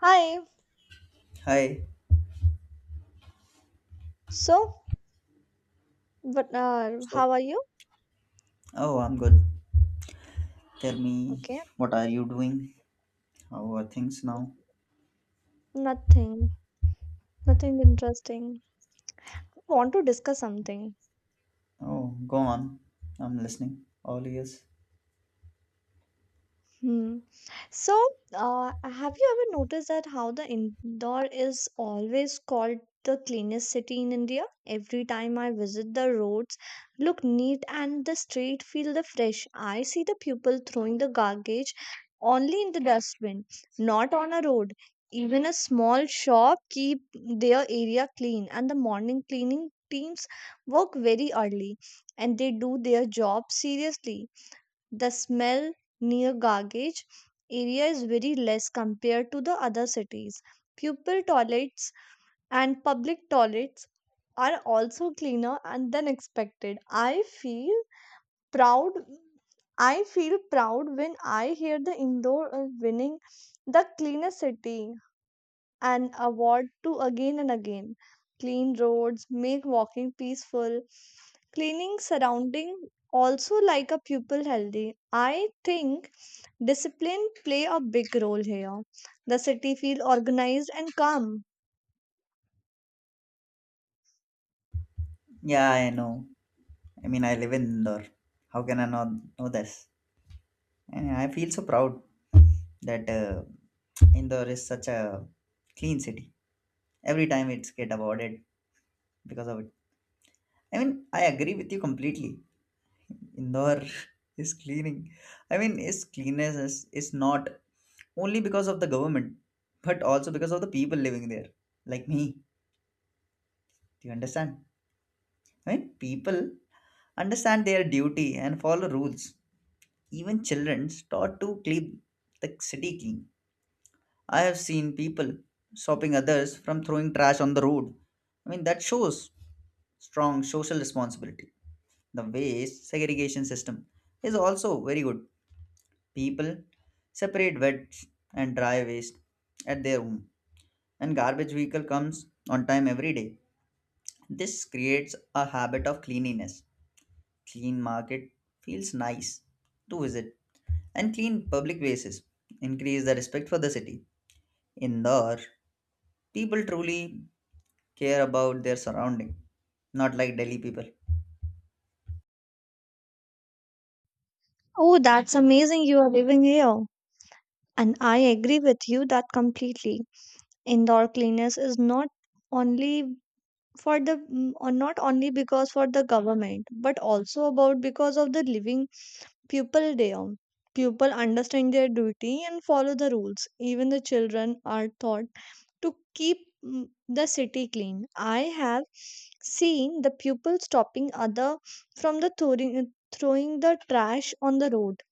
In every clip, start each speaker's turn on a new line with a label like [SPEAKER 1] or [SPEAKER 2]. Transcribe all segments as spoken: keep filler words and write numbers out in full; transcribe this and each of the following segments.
[SPEAKER 1] Hi.
[SPEAKER 2] Hi.
[SPEAKER 1] So, but uh,
[SPEAKER 2] So,
[SPEAKER 1] how are you?
[SPEAKER 2] oh, I'm good. Tell me,
[SPEAKER 1] Okay.
[SPEAKER 2] what are you doing? How are things now?
[SPEAKER 1] Nothing. Nothing interesting. I want to discuss something.
[SPEAKER 2] Oh, go on. I'm listening. All ears.
[SPEAKER 1] Hmm. So, uh, have you ever noticed that how the Indore is always called the cleanest city in India? Every time I visit, the roads look neat and the street feel the fresh. I see the people throwing the garbage only in the dustbin, not on a road. Even a small shop keep their area clean, and the morning cleaning teams work very early, and they do their job seriously. The smell near garbage area is very less compared to the other cities. Pupil toilets and public toilets are also cleaner and than expected. I feel proud i feel proud when I hear the Indoor uh, winning the cleanest city an award to again and again. Clean roads make walking peaceful. Cleaning surrounding also like a pupil healthy. I think discipline play a big role here. The city feel organized and calm.
[SPEAKER 2] Yeah, I know. I mean, I live in Indore. How can I not know this? And I feel so proud that uh, Indore is such a clean city. Every time it's get awarded because of it. I mean, I agree with you completely. Indore is cleaning. I mean, its cleanness is, is not only because of the government, but also because of the people living there, like me. Do you understand? I mean, people understand their duty and follow rules. Even children start to keep the city clean. I have seen people stopping others from throwing trash on the road. I mean, that shows strong social responsibility. The waste segregation system is also very good. People separate wet and dry waste at their home and garbage vehicle comes on time every day. This creates a habit of cleanliness. Clean market feels nice to visit, and clean public places increase the respect for the city. Indore, people truly care about their surrounding, not like Delhi people.
[SPEAKER 1] Oh, that's amazing you are living here. And I agree with you that completely. Indoor cleanliness is not only for the mm, or not only because for the government but also about because of the living people day on. People understand their duty and follow the rules. Even the children are taught to keep mm, the city clean. I have seen the pupil stopping other from the throwing, throwing the trash on the road.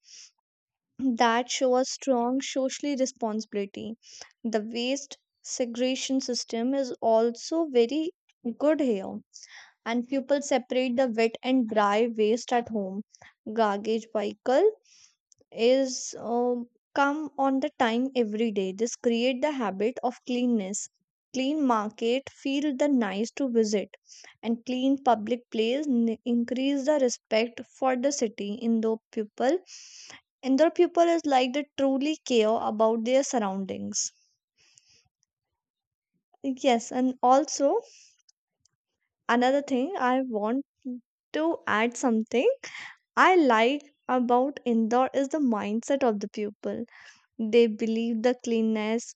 [SPEAKER 1] That show a strong social responsibility. The waste segregation system is also very good here. And people separate the wet and dry waste at home. Garbage vehicle is um, come on the time every day. This create the habit of cleanness. Clean market feel the nice to visit, and clean public place n- increase the respect for the city. Indo people, Indo people is like they truly care about their surroundings. Yes, and also another thing I want to add something I like about Indore is the mindset of the people. They believe the cleanliness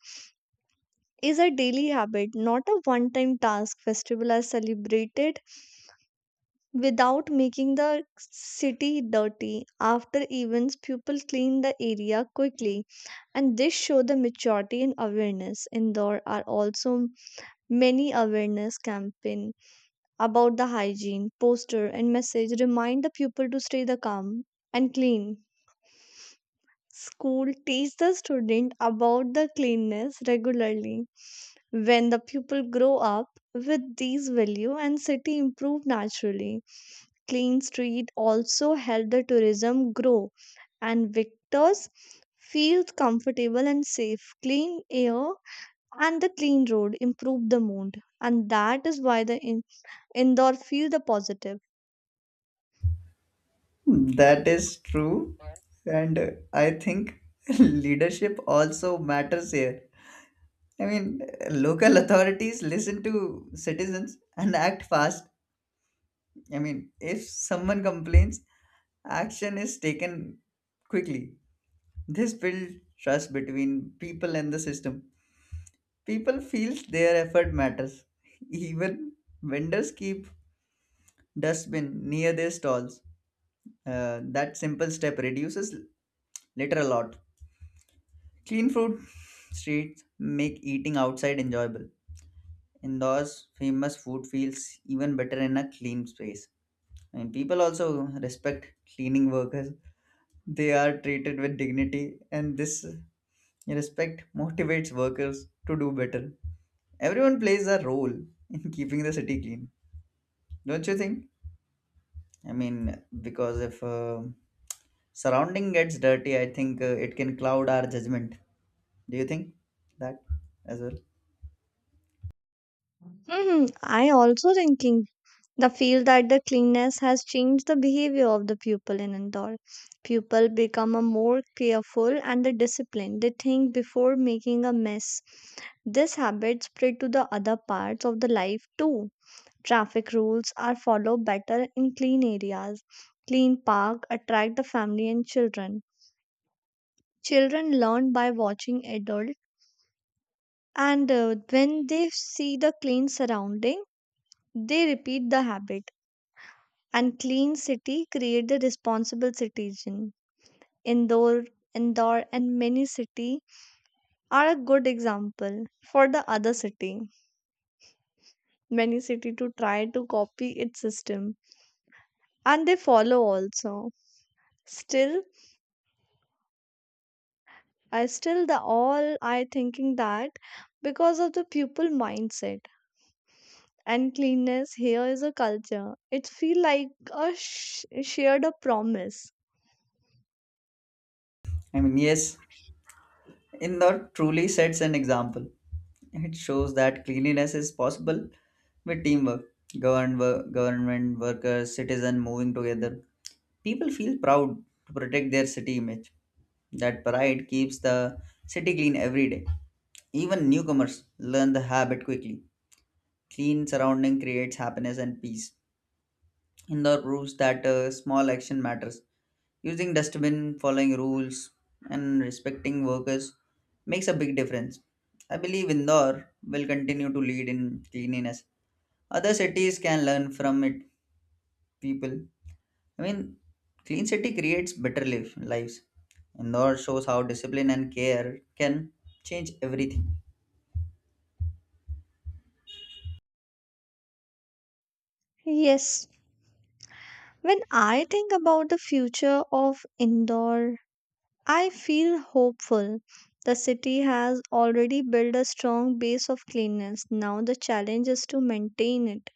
[SPEAKER 1] is a daily habit, not a one time task. Festivals are celebrated without making the city dirty. After events, people clean the area quickly, and this show the maturity and awareness. Indore are also many awareness campaign about the hygiene, poster and message remind the people to stay the calm and clean. School teach the student about the cleanness regularly. When the pupil grow up with these value and city improve naturally. Clean street also help the tourism grow and victors feel comfortable and safe. Clean air and the clean road improve the mood and that is why the in- indoor feel the positive.
[SPEAKER 2] That is true, and uh, I think leadership also matters here. I mean, uh, local authorities listen to citizens and act fast. I mean, if someone complains, action is taken quickly. This builds trust between people and the system. People feel their effort matters. Even vendors keep dustbin near their stalls. Uh, that simple step reduces litter a lot. Clean food streets make eating outside enjoyable. Indoors, famous food feels even better in a clean space. And people also respect cleaning workers. They are treated with dignity, and this respect motivates workers to do better. Everyone plays a role in keeping the city clean, don't you think? I mean, because if uh, surrounding gets dirty, I think uh, it can cloud our judgment. Do you think that as well?
[SPEAKER 1] Mhm. I also thinking the feel that the cleanness has changed the behavior of the pupil in Indore. Pupil become a more careful and the disciplined. They think before making a mess. This habit spread to the other parts of the life too. Traffic rules are followed better in clean areas. Clean park attract the family and children. Children learn by watching adult and uh, when they see the clean surrounding, they repeat the habit and clean city create the responsible citizen. Indore, Indore, and many city are a good example for the other city. Many city to try to copy its system, and they follow also. Still, I still the all I thinking that because of the pupil mindset and cleanness here is a culture. It feel like a sh- shared a promise.
[SPEAKER 2] I mean, yes, Indore truly sets an example. It shows that cleanliness is possible with teamwork, governed, wo- government workers, citizen moving together. People feel proud to protect their city image. That pride keeps the city clean every day. Even newcomers learn the habit quickly. Clean surrounding creates happiness and peace. Indoor proves that uh, small action matters. Using dustbin, following rules, and respecting workers makes a big difference. I believe Indore will continue to lead in cleanliness. Other cities can learn from it. People. I mean, clean city creates better life, lives. Indore shows how discipline and care can change everything.
[SPEAKER 1] Yes, when I think about the future of Indore I feel hopeful. The city has already built a strong base of cleanliness. Now the challenge is to maintain it.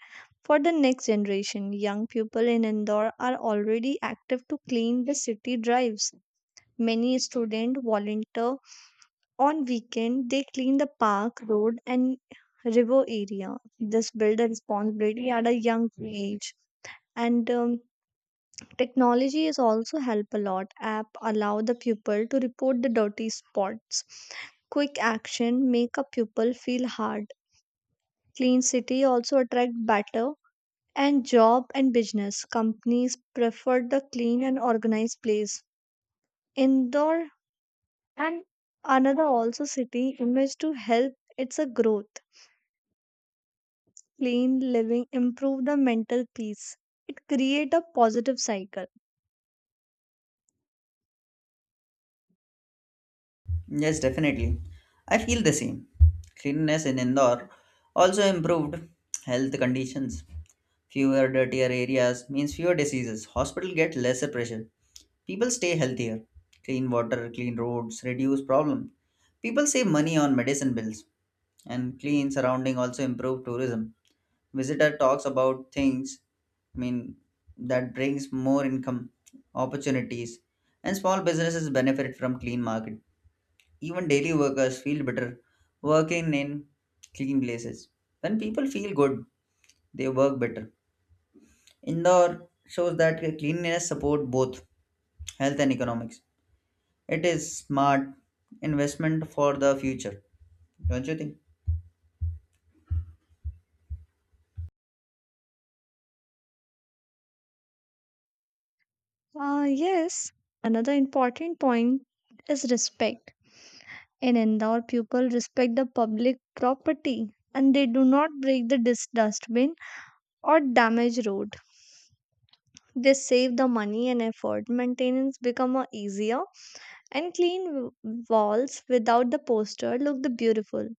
[SPEAKER 1] For the next generation, young people in Indore are already active to clean the city drives. Many students volunteer on weekend. They clean the park, road and river area. This build a responsibility at a young age. And um, technology is also help a lot. App allow the pupil to report the dirty spots. Quick action make a pupil feel hard. Clean city also attract better and job and business. Companies prefer the clean and organized place. Indoor and another also city image to help its a growth. Clean living improve the mental peace. It create a positive cycle.
[SPEAKER 2] Yes, definitely. I feel the same. Cleanliness in Indore also improved health conditions. Fewer dirtier areas means fewer diseases. Hospital get lesser pressure. People stay healthier. Clean water, clean roads, reduce problem. People save money on medicine bills. And clean surrounding also improve tourism. Visitor talks about things, I mean, that brings more income, opportunities, and small businesses benefit from clean market. Even daily workers feel better working in clean places. When people feel good, they work better. Indore shows that cleanliness support both health and economics. It is smart investment for the future. Don't you think?
[SPEAKER 1] Uh, yes, another important point is respect. In Indore, people respect the public property and they do not break the dis- dustbin or damage road. They save the money and effort. Maintenance become a easier and clean w- walls without the poster look the beautiful.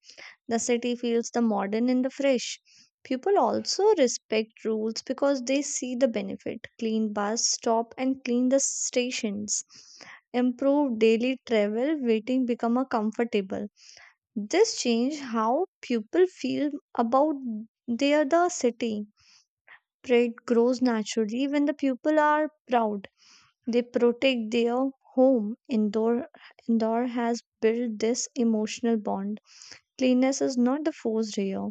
[SPEAKER 1] The city feels the modern and the fresh. People also respect rules because they see the benefit. Clean bus stop and clean the stations. Improve daily travel, waiting become a comfortable. This change how people feel about their the city. Pride grows naturally when the people are proud. They protect their home. Indoor indoor has built this emotional bond. Cleanness is not the forced here,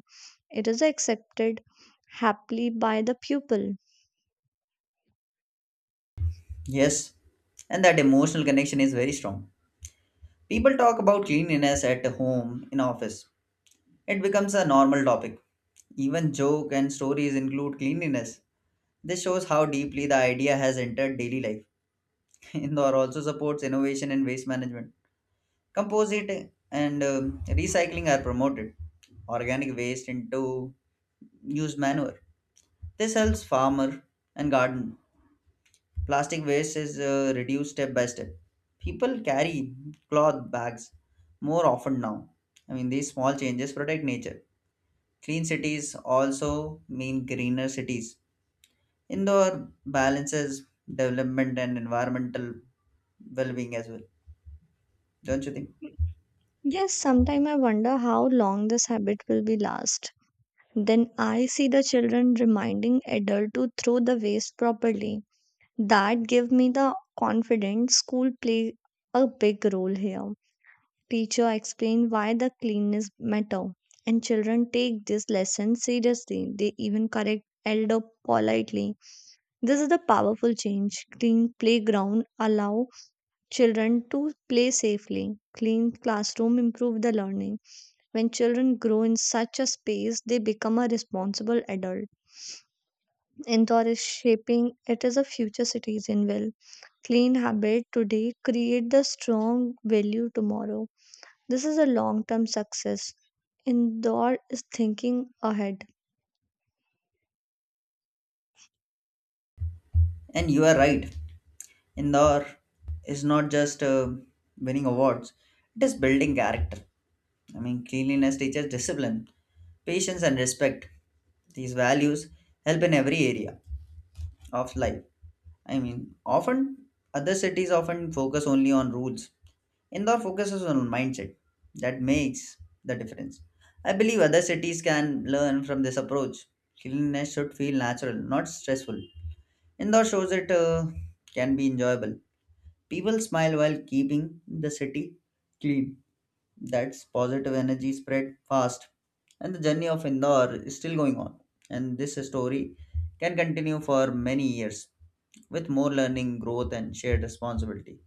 [SPEAKER 1] it is accepted happily by the pupil.
[SPEAKER 2] Yes, and that emotional connection is very strong. People talk about cleanliness at home, in office. It becomes a normal topic. Even joke and stories include cleanliness. This shows how deeply the idea has entered daily life. Indore also supports innovation in waste management. Composite and um, recycling are promoted. Organic waste into used manure. This helps farmer and garden. Plastic waste is uh, reduced step by step. People carry cloth bags more often now. I mean, these small changes protect nature. Clean cities also mean greener cities. Indoor balances development and environmental well being as well, don't you think?
[SPEAKER 1] Yes, sometimes I wonder how long this habit will be last. Then I see the children reminding adult to throw the waste properly. That give me the confidence school play a big role here. Teacher explain why the cleanness matter and children take this lesson seriously. They even correct elder politely. This is the powerful change. Clean playground allow children to play safely. Clean classroom improve the learning. When children grow in such a space, they become a responsible adult. Indore is shaping it is a future citizen will. Clean habit today create the strong value tomorrow. This is a long-term success. Indore is thinking ahead.
[SPEAKER 2] And you are right. Indoor is not just uh, winning awards, it is building character. I mean, cleanliness teaches discipline, patience, and respect. These values help in every area of life. I mean, often other cities often focus only on rules. Indore focuses on mindset. That makes the difference. I believe other cities can learn from this approach. Cleanliness should feel natural, not stressful. Indore shows it uh, can be enjoyable. People smile while keeping the city clean. That's positive energy spread fast, and the journey of Indore is still going on. And this story can continue for many years with more learning, growth, and shared responsibility.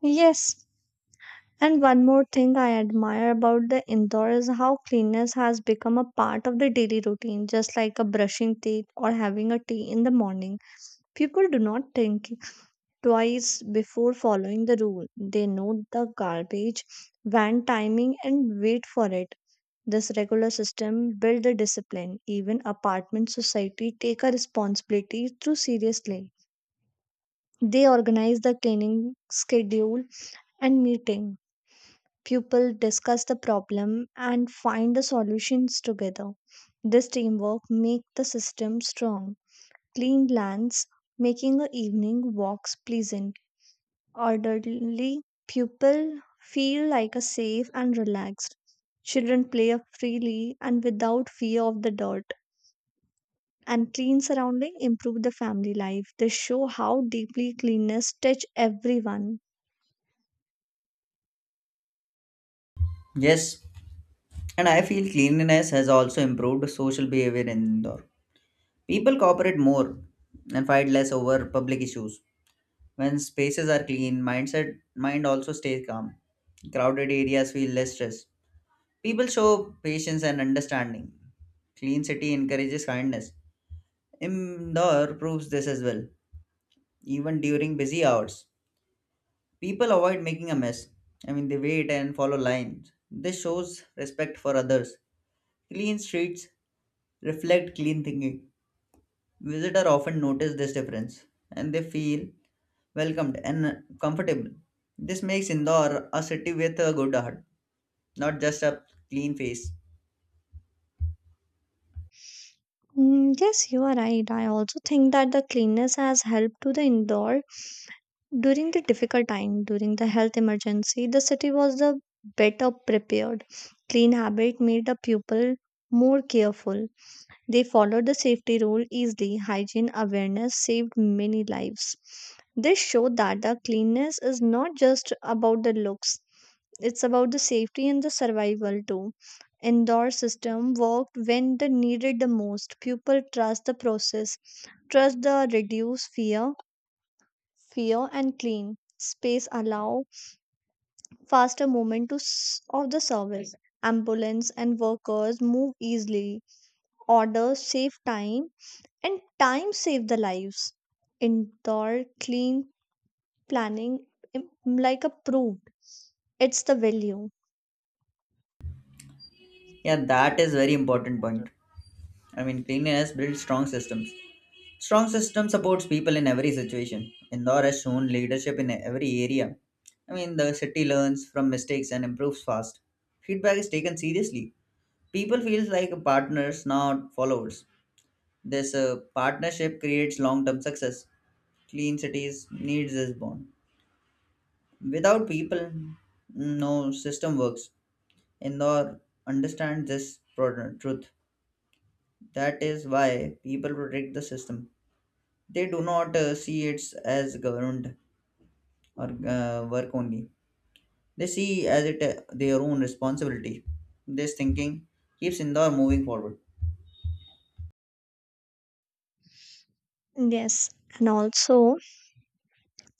[SPEAKER 1] Yes, and one more thing I admire about the Indore is how cleanliness has become a part of the daily routine, just like a brushing teeth or having a tea in the morning. People do not think twice before following the rule. They know the garbage van timing and wait for it. This regular system build a discipline. Even apartment society take a responsibility too seriously. They organize the cleaning schedule and meeting. Pupils discuss the problem and find the solutions together. This teamwork makes the system strong. Clean lands, making the evening walks pleasant. Orderly pupil feel like a safe and relaxed. Children play freely and without fear of the dirt. And clean surrounding improve the family life. They show how deeply cleanness touch everyone.
[SPEAKER 2] Yes, and I feel cleanliness has also improved social behavior in Indore. People cooperate more and fight less over public issues. When spaces are clean, mindset mind also stays calm. Crowded areas feel less stress. People show patience and understanding. Clean city encourages kindness. Indore proves this as well. Even during busy hours, people avoid making a mess. I mean, they wait and follow lines. This shows respect for others. Clean streets reflect clean thinking. Visitors often notice this difference and they feel welcomed and comfortable. This makes Indore a city with a good heart, not just a clean face.
[SPEAKER 1] Mm, yes, you are right. I also think that the cleanness has helped to the indoor during the difficult time, during the health emergency. The city was the better prepared. Clean habit made the pupil more careful. They followed the safety rule easily. Hygiene awareness saved many lives. This showed that the cleanliness is not just about the looks, it's about the safety and the survival too. Indoor system worked when they needed the most. People trust the process, trust the reduce fear, fear and clean space allow faster movement to s- of the service. Ambulance and workers move easily. Orders save time and time saved the lives. Indoor clean planning im- like approved. It's the value.
[SPEAKER 2] Yeah, that is very important point. I mean, cleanliness builds strong systems. Strong system supports people in every situation. Indore has shown leadership in every area. I mean, the city learns from mistakes and improves fast. Feedback is taken seriously. People feels like partners, not followers. This uh, partnership creates long-term success. Clean cities needs this bond. Without people, no system works. Indore understands this pro- truth. That is why people protect the system. they do not uh, see it as government or uh, work only. They see as it uh, their own responsibility. This thinking keeps Indore moving forward.
[SPEAKER 1] Yes, and also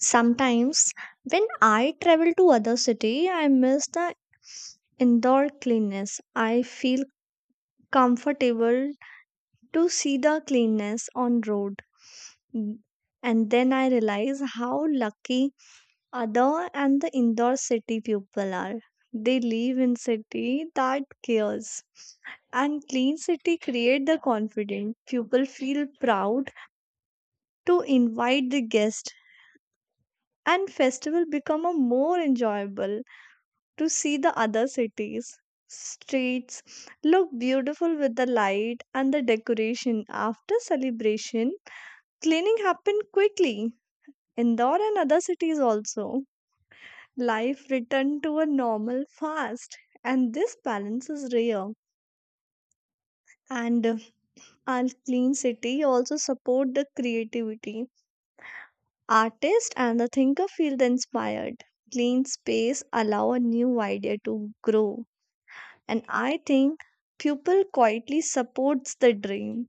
[SPEAKER 1] sometimes when I travel to other city, I miss the indoor cleanness. I feel comfortable to see the cleanness on road. Mm, And then I realize how lucky other and the indoor city people are. They live in city that cares. And clean city create the confidence people feel proud to invite the guest and festival become a more enjoyable to see the other cities streets look beautiful with the light and the decoration after celebration cleaning happened quickly. Indore and other cities also life returned to a normal fast and this balance is rare and uh, our clean city also support the creativity. Artist and the thinker feel the inspired. Clean space allow a new idea to grow. And I think pupil quietly supports the dream.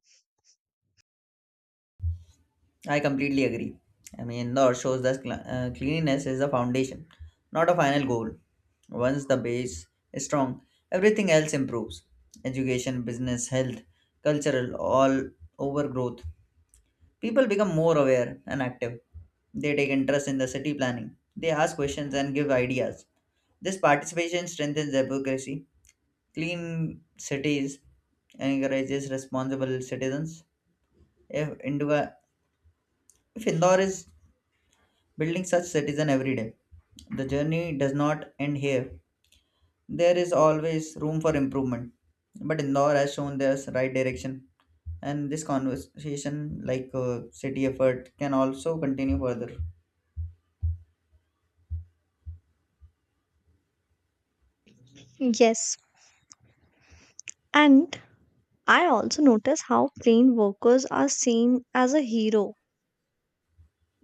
[SPEAKER 2] I completely agree. I mean, Indore shows that cl- uh, cleanliness is a foundation, not a final goal. Once the base is strong, everything else improves. Education, business, health, cultural, all overgrowth. People become more aware and active. They take interest in the city planning. They ask questions and give ideas. This participation strengthens democracy, clean cities, encourages responsible citizens. If Indore, if Indore is building such citizen every day, the journey does not end here. There is always room for improvement. But Indore has shown this right direction, and this conversation, like uh, city effort, can also continue further.
[SPEAKER 1] Yes. And I also notice how plain workers are seen as a hero.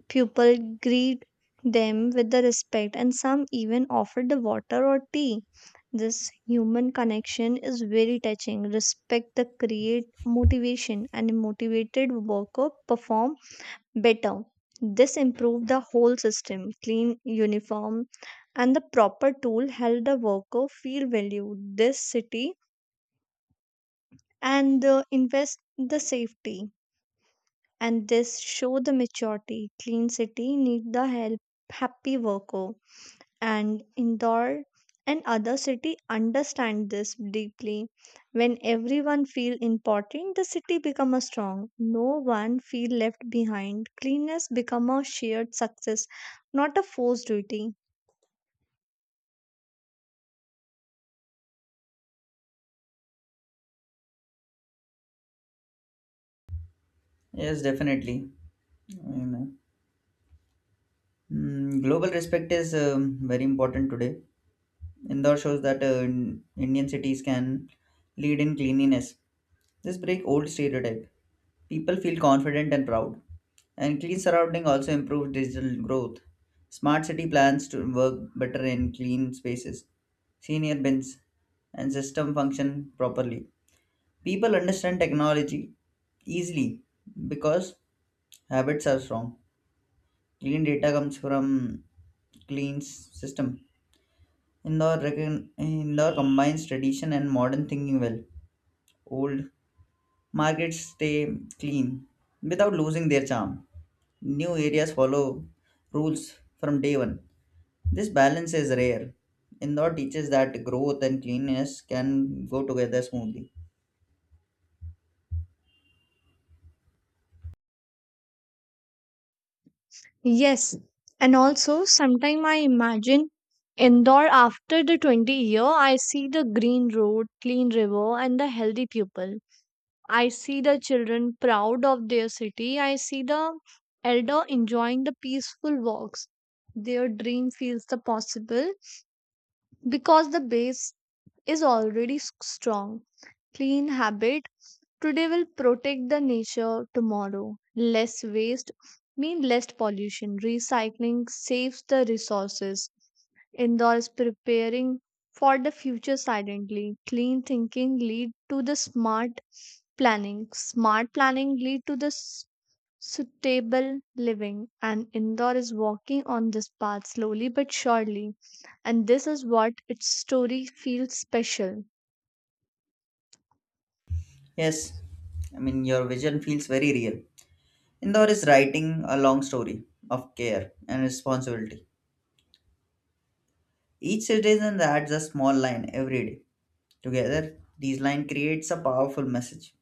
[SPEAKER 1] People greet them with the respect and some even offer the water or tea. This human connection is very touching. Respect the create motivation and a motivated worker perform better. This improved the whole system. Clean uniform and the proper tool helped the worker feel valued. This city and the invest the safety and this show the maturity. Clean city need the help happy worker. And Indore and other city understand this deeply. When everyone feel important, the city become a strong. No one feel left behind. Cleanness become a shared success, not a forced duty.
[SPEAKER 2] Yes, definitely. You know. Mm, global respect is um, very important today. Indore shows that uh, in- Indian cities can lead in cleanliness. This break old stereotype. People feel confident and proud. And clean surrounding also improves digital growth. Smart city plans to work better in clean spaces, senior bins, and system function properly. People understand technology easily because habits are strong. Clean data comes from clean s- system. Indore, recon- Indore combines tradition and modern thinking well. Old markets stay clean without losing their charm. New areas follow rules from day one. This balance is rare. Indore teaches that growth and cleanliness can go together smoothly.
[SPEAKER 1] Yes, and also sometime I imagine Indore after the twenty year. I see the green road, clean river and the healthy people. I see the children proud of their city. I see the elder enjoying the peaceful walks. Their dream feels the possible because the base is already s- strong. Clean habit today will protect the nature tomorrow. Less waste mean less pollution. Recycling saves the resources. Indoors preparing for the future silently. Clean thinking lead to the smart planning. Smart planning lead to the s- suitable living. And indoor is walking on this path slowly but surely. And this is what its story feels special.
[SPEAKER 2] Yes, I mean, your vision feels very real. Indore is writing a long story of care and responsibility. Each citizen adds a small line every day. Together, these lines creates a powerful message.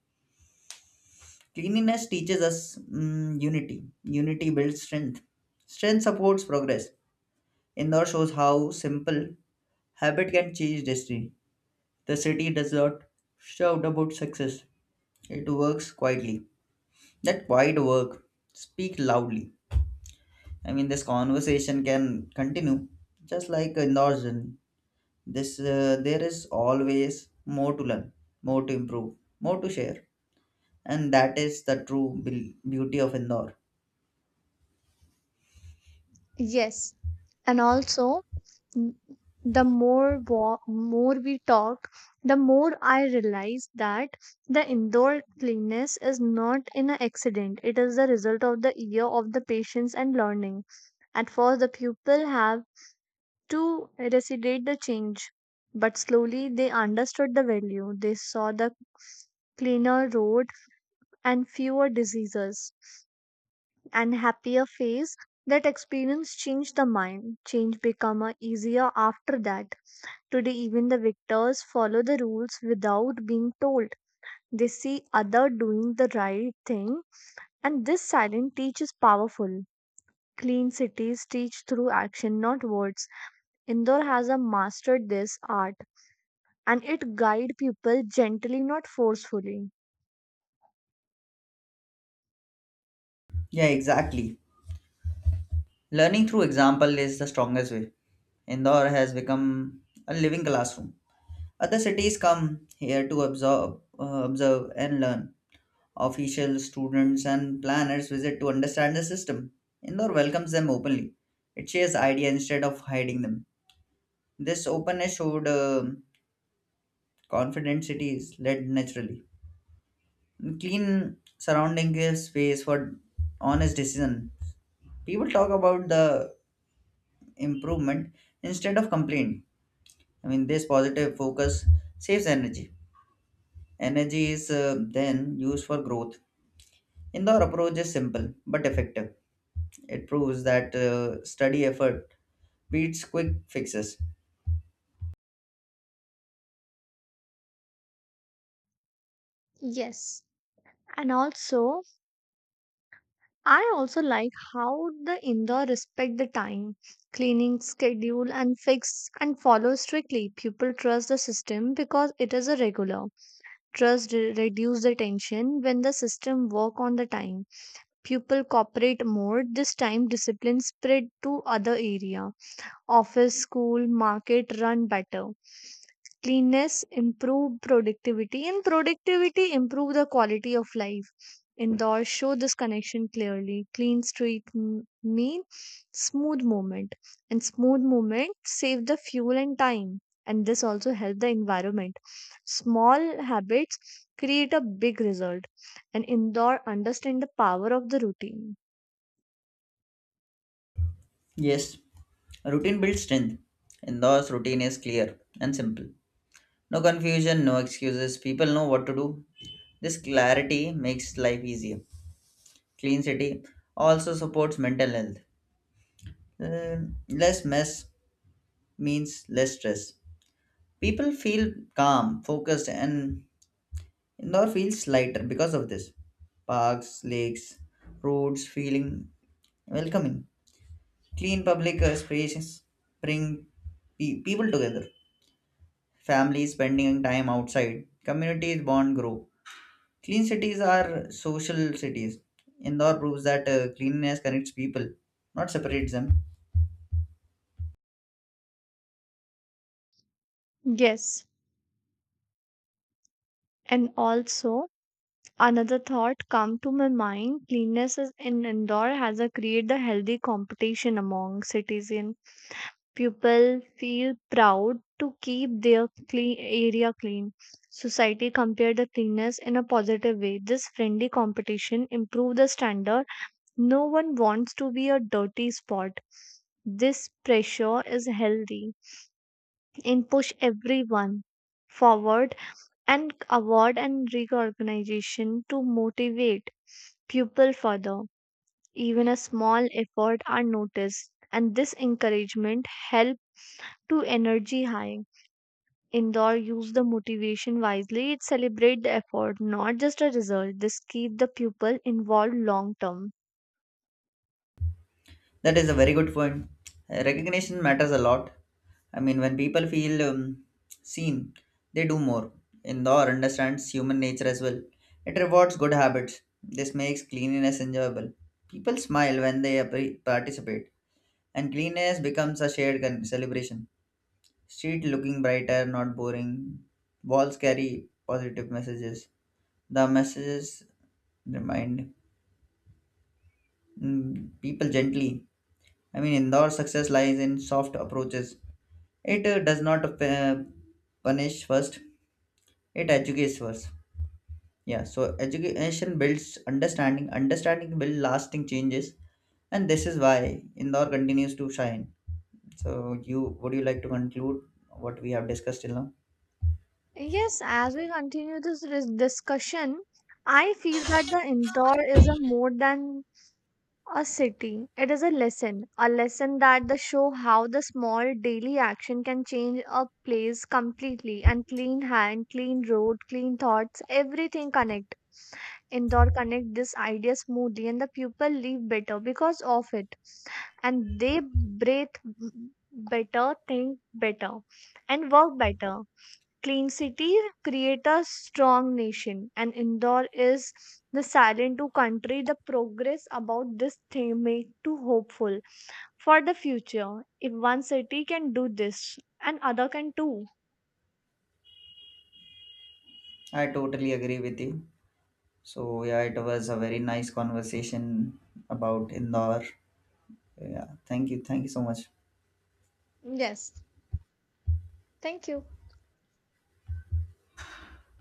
[SPEAKER 2] Cleanliness teaches us mm, unity. Unity builds strength. Strength supports progress. Indore shows how simple habit can change destiny. The city does not shout about success. It works quietly. That quiet work speak loudly. I mean, this conversation can continue, just like Indore's journey. This uh, there is always more to learn, more to improve, more to share. And that is the true bel- beauty of Indore.
[SPEAKER 1] Yes. And also n- the more wa- more we talk the more I realize that the indoor cleanness is not an accident. It is the result of the year of the patience and learning. At first the pupil have to recite the change but slowly they understood the value. They saw the cleaner road and fewer diseases and happier face. That experience changed the mind. Change become uh, easier after that. Today, even the victors follow the rules without being told. They see other doing the right thing, and this silent teach is powerful. Clean cities teach through action, not words. Indore has a mastered this art, and it guide people gently, not forcefully.
[SPEAKER 2] Yeah, exactly. Learning through example is the strongest way. Indore has become a living classroom. Other cities come here to absorb, uh, observe, and learn. Officials, students, and planners visit to understand the system. Indore welcomes them openly. It shares ideas instead of hiding them. This openness showed um confident cities led naturally. Clean surrounding gives space for honest decision. People talk about the improvement instead of complaint. I mean, this positive focus saves energy. Energy is uh, then used for growth. Indoor approach is simple but effective. It proves that uh, study effort beats quick fixes.
[SPEAKER 1] Yes. And also, I also like how the Indore respect the time, cleaning schedule and fix and follow strictly. People trust the system because it is a regular. Trust re- reduce the tension when the system work on the time. Pupil cooperate more. This time discipline spread to other area. Office, school, market run better. Cleanness improve productivity and productivity improve the quality of life. Indoors show this connection clearly. Clean street m- mean smooth movement and smooth movement save the fuel and time and this also help the environment. Small habits create a big result and indoor understand the power of the routine.
[SPEAKER 2] Yes, routine builds strength. Indoors routine is clear and simple. No confusion, no excuses. People know what to do. This clarity makes life easier. Clean city also supports mental health. Uh, less mess means less stress. People feel calm, focused, and indoor feels lighter because of this. Parks, lakes, roads feeling welcoming. Clean public uh, spaces bring pe- people together. Families spending time outside, communities bond grow. Clean cities are social cities. Indoor proves that uh, cleanliness connects people, not separates them.
[SPEAKER 1] Yes, and also another thought come to my mind. Cleanliness is in Indore has a create the healthy competition among citizens. People feel proud to keep their clean area clean. Society compare the cleanness in a positive way. This friendly competition improve the standard. No one wants to be a dirty spot. This pressure is healthy and push everyone forward and award and recognition to motivate pupil further. Even a small effort are noticed, and this encouragement help to energy high. Indoor use the motivation wisely. It celebrate the effort, not just a result. This keep the pupil involved long term.
[SPEAKER 2] That is a very good point. Uh, Recognition matters a lot. I mean, when people feel um, seen, they do more. Indore understands human nature as well. It rewards good habits. This makes cleanliness enjoyable. People smile when they appre- participate, and cleanliness becomes a shared con- celebration. Street looking brighter, not boring. Walls carry positive messages. The messages remind mm, people gently. I mean, Indore success lies in soft approaches. It uh, does not uh, punish first, it educates first. Yeah, so education builds understanding, understanding builds lasting changes, and this is why Indore continues to shine. So, you would you like to conclude what we have discussed till now?
[SPEAKER 1] Yes, as we continue this dis- discussion, I feel that the indoor is a more than a city. It is a lesson, a lesson that the show how the small daily action can change a place completely and clean hand, clean road, clean thoughts, everything connect. Indore connect this idea smoothly and the people live better because of it and they breathe better, think better and work better. Clean city create a strong nation, and Indore is the silent to country. The progress about this theme make too hopeful for the future. If one city can do this, and other can too.
[SPEAKER 2] I totally agree with you. So, yeah, it was a very nice conversation about Indore. Yeah, thank you, thank you so much.
[SPEAKER 1] Yes. Thank you.